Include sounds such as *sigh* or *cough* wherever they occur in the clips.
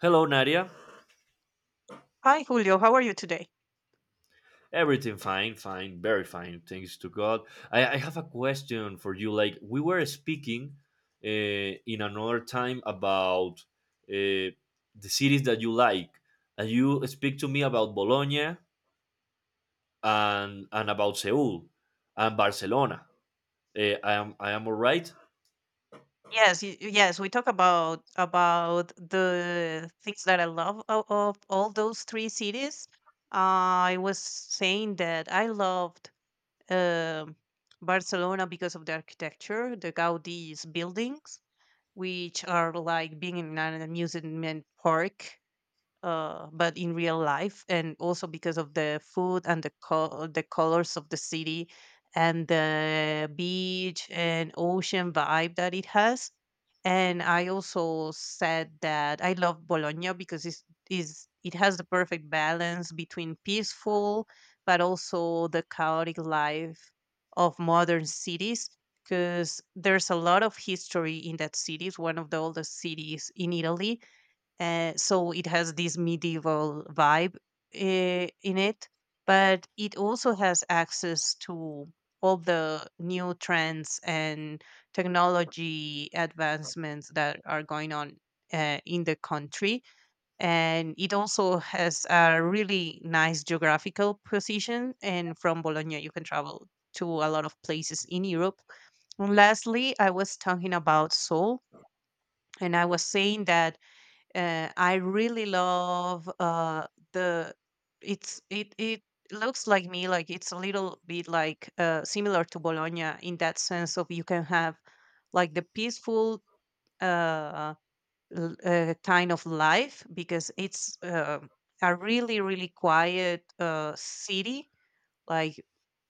Hello, Nadia. Hi Julio, how are you today? Everything fine, fine, very fine. Thanks to God. I have a question for you. Like, we were speaking in another time about the cities that you like, and you speak to me about Bologna and about Seoul and Barcelona. I am all right. Yes, we talk about the things that I love of all those three cities. I was saying that I loved um, Barcelona because of the architecture, the Gaudi's buildings, which are like being in an amusement park. But in real life, and also because of the food and the colors of the city and the beach and ocean vibe that it has. And I also said that I love Bologna because it has the perfect balance between peaceful but also the chaotic life of modern cities because there's a lot of history in that city. It's one of the oldest cities in Italy, so it has this medieval vibe in it, but it also has access to all the new trends and technology advancements that are going on, in the country. And it also has a really nice geographical position. And from Bologna, you can travel to a lot of places in Europe. And lastly, I was talking about Seoul, and I was saying that, I really love, the it's it it looks like me like it's a little bit like, similar to Bologna in that sense of you can have like the peaceful, uh, kind of life because it's, a really really quiet, city, like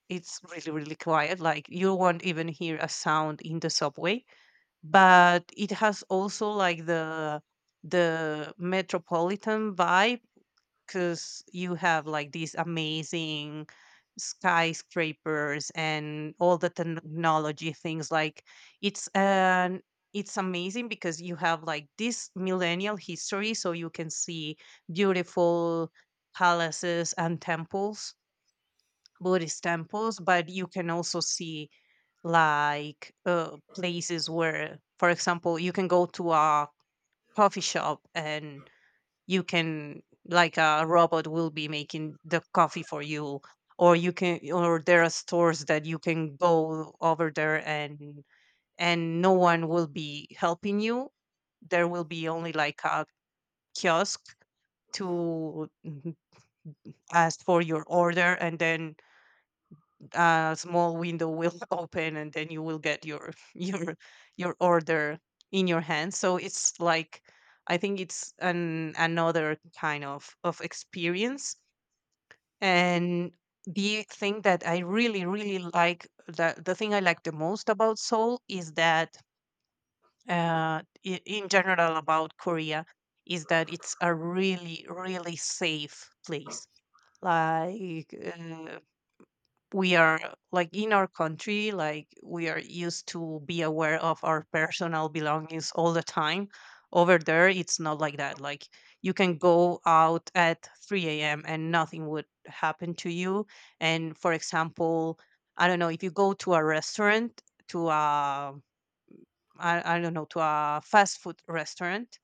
it's really really quiet, like you won't even hear a sound in the subway, but it has also like the metropolitan vibe because you have like these amazing skyscrapers and all the technology things. Like it's an it's amazing because you have like this millennial history, so you can see beautiful palaces and temples, Buddhist temples, but you can also see like, places where, for example, you can go to a coffee shop and you can, like, a robot will be making the coffee for you. Or you can or there are stores that you can go over there and no one will be helping you. There will be only like a kiosk to ask for your order, and then a small window will *laughs* open, and then you will get your *laughs* your order in your hand. So it's like, I think it's an another kind of experience. And the thing that I really really like, the thing I like the most about Seoul is that, uh, in general about Korea, is that it's a really really safe place, like, we are like in our country, like, we are used to be aware of our personal belongings all the time. Over there it's not like that. Like, you can go out at 3 a.m. and nothing would happen to you. And for example, I don't know, if you go to a restaurant, to a, I don't know, to a fast food restaurant,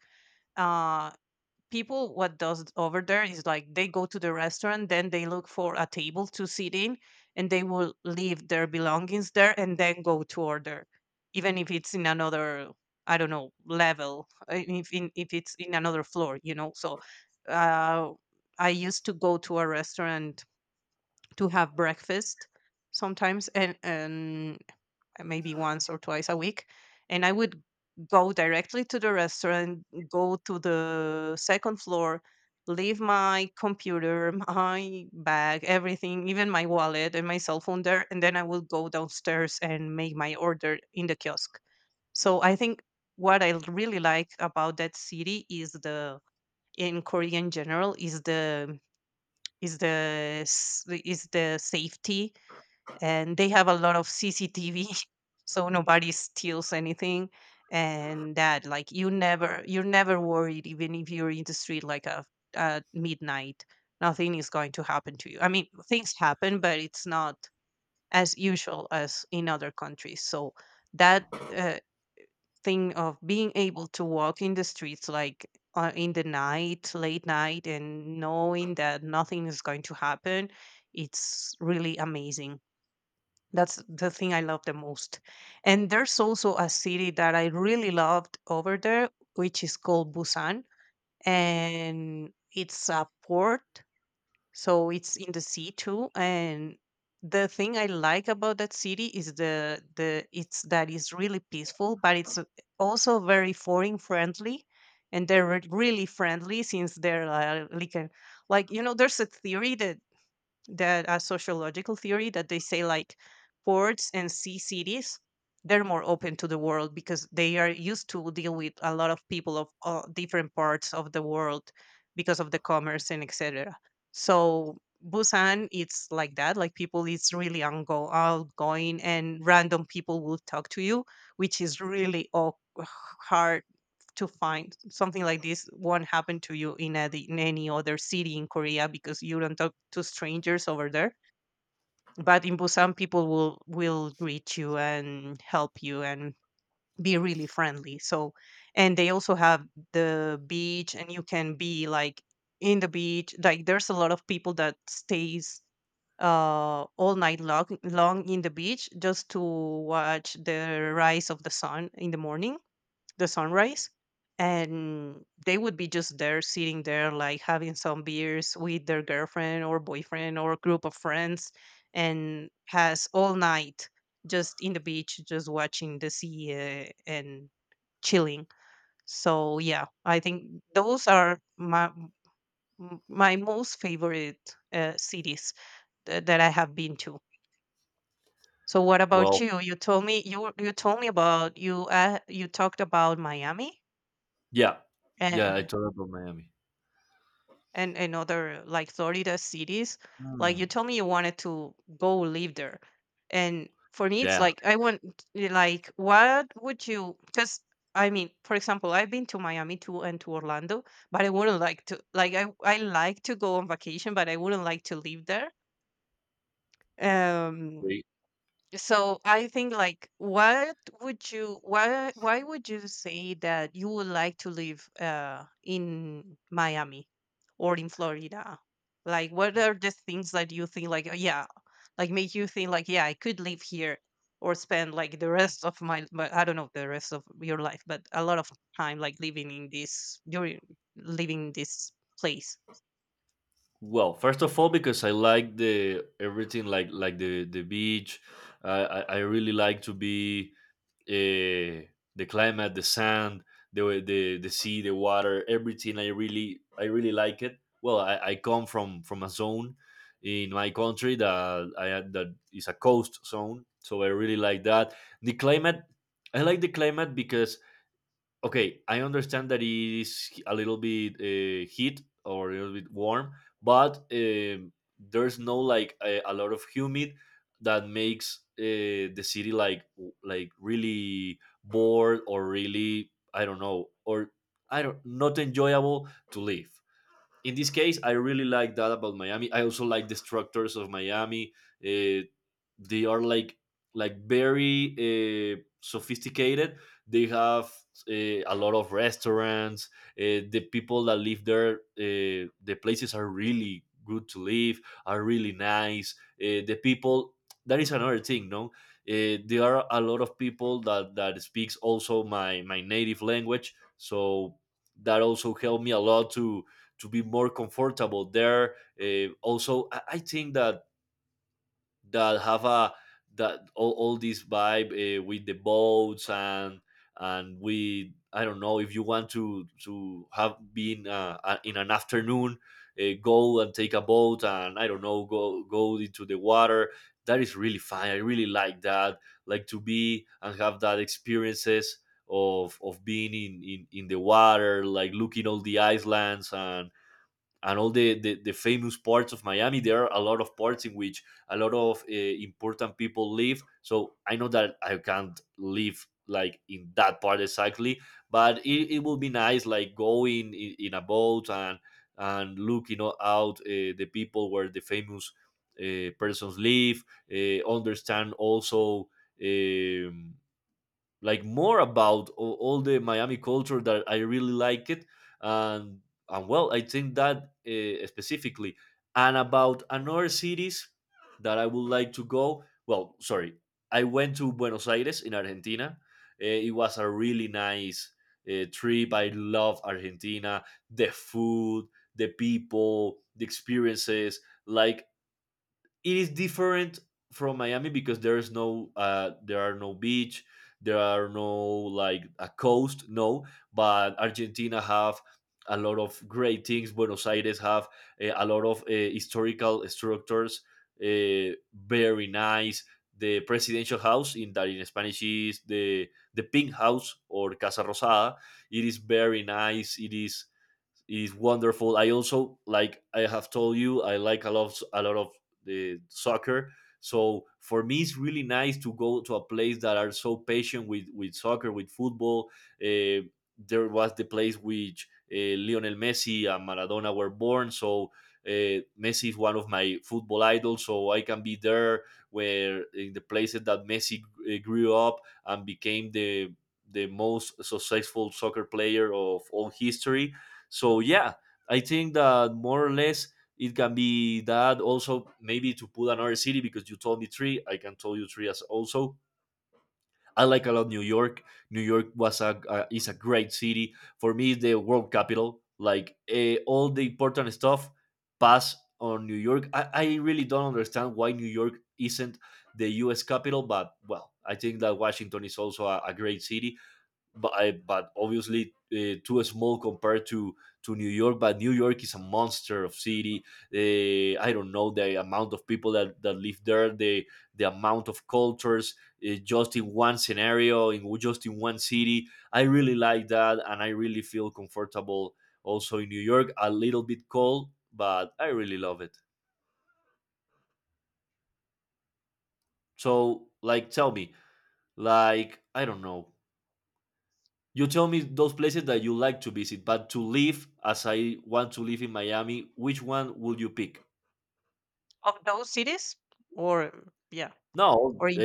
uh, people what does over there is like they go to the restaurant, then they look for a table to sit in, and they will leave their belongings there and then go to order, even if it's in another, I don't know, level, if if it's in another floor, you know. So, uh, I used to go to a restaurant to have breakfast sometimes, and maybe once or twice a week. And I would go directly to the restaurant, go to the second floor, leave my computer, *laughs* my bag, everything, even my wallet and my cell phone there. And then I would go downstairs and make my order in the kiosk. So I think what I really like about that city is the, in Korea in general, is is the the safety. And they have a lot of CCTV, *laughs* so nobody steals anything. And that, like, you never, you're never worried, even if you're in the street like a, at midnight, nothing is going to happen to you. I mean, things happen, but it's not as usual as in other countries. So that, uh, thing of being able to walk in the streets, like, in the night, late night, and knowing that nothing is going to happen, it's really amazing. That's the thing I love the most. And there's also a city that I really loved over there, which is called Busan. And it's a port, so it's in the sea too. And the thing I like about that city is the it's that it's really peaceful, but it's, also very foreign friendly. And they're really friendly since they're, like you know, there's a theory that, a sociological theory that they say, like, ports and sea cities, they're more open to the world because they are used to deal with a lot of people of all different parts of the world because of the commerce and etc. So Busan, it's like that, like people, it's really outgoing, and random people will talk to you, which is really hard to find. Something like this won't happen to you in any other city in Korea, because you don't talk to strangers over there. But in Busan, people will greet you and help you and be really friendly. So, and they also have the beach, and you can be like in the beach. Like, there's a lot of people that stays, all night long in the beach just to watch the rise of the sun in the morning, the sunrise. And they would be just there sitting there, like, having some beers with their girlfriend or boyfriend or group of friends, and pass all night just in the beach, just watching the sea, and chilling. So yeah, I think those are my my most favorite, cities that I have been to. So what about Well, you? You told me about you, you talked about Miami, yeah, yeah. I eh, told about Miami. And other like Florida cities. Like, you Hmm. told me you wanted to go live there. And for me it's Yeah. like I want, like, what would you, because I mean, for example, I've been to Miami too and to Orlando, but I wouldn't like to, like, I like to go on vacation, but I wouldn't like to live there. Um so I think, like, what would you, why would you say that you would like to live in Miami or in Florida? Like, what are the things that you think, like, "Oh, yeah, like make you think like yeah, I could live here or spend like the rest of my I don't know, the rest of your life, but a lot of time, like, living in this, living in this place, Well, first of all, because I like the everything like the beach. I really like to be uh, the climate, the sand, the sea, the water, everything. I really like it. Well, I come from a zone in my country that I had that is a coast zone, so I really like that. The climate, I like the climate because okay, I understand that it is a little bit heat or a little bit warm, but there's no like a lot of humid that makes the city like really bored or really I don't know or I don't not enjoyable to live in this case, I really like that about Miami. I also like the structures of Miami. Uh, they are like very sophisticated. They have a lot of restaurants. The people that live there, the places are really good to live. Are really nice. The people. That is another thing, no? There are a lot of people that speaks also my native language, so that also helped me a lot to be more comfortable there. Also, I think that that have a that all this vibe with the boats and we I don't know if you want to have been in an afternoon go and take a boat and I don't know go into the water that is really fun. I really like that, like to be and have that experiences of being in in the water, like looking all the islands and all the famous parts of Miami. There are a lot of parts in which a lot of important people live. So I know that I can't live like in that part exactly, but it will be nice, like going in a boat and looking out the people where the famous persons live. Understand also. Um, like more about all the Miami culture that I really like it, and well, I think that specifically, and about another cities that I would like to go. Well, sorry, I went to Buenos Aires in Argentina. Eh, it was a really nice trip. I love Argentina, the food, the people, the experiences. Like it is different from Miami because there are no beach, there are no like a coast, no. But Argentina have a lot of great things. Buenos Aires have a lot of historical structures, very nice. The presidential house in that in Spanish is the pink house or Casa Rosada. It is very nice. It is wonderful. I also like, I have told you, I like a lot, a lot of the soccer. So for me, it's really nice to go to a place that are so patient with soccer, with football. Uh, there was the place which Lionel Messi and Maradona were born. So Messi is one of my football idols. So I can be there, where in the places that Messi grew up and became the most successful soccer player of all history. So yeah, I think that more or less it can be that also, maybe to put another city, because you told me three, I can tell you three as also. I like a lot New York. New York was a is a great city for me. It's the world capital. Like, eh, all the important stuff pass on New York. I really don't understand why New York isn't the U.S. capital, but well, I think that Washington is also a great city, but obviously too small compared to New York. But New York is a monster of city. I don't know the amount of people that live there, the amount of cultures, just in one scenario, in just in one city. I really like that, and I really feel comfortable also in New York. A little bit cold, but I really love it. So, like, tell me, like, I don't know. You tell me those places that you like to visit, but to live, as I want to live in Miami, which one would you pick? of those cities, or yeah, No, or in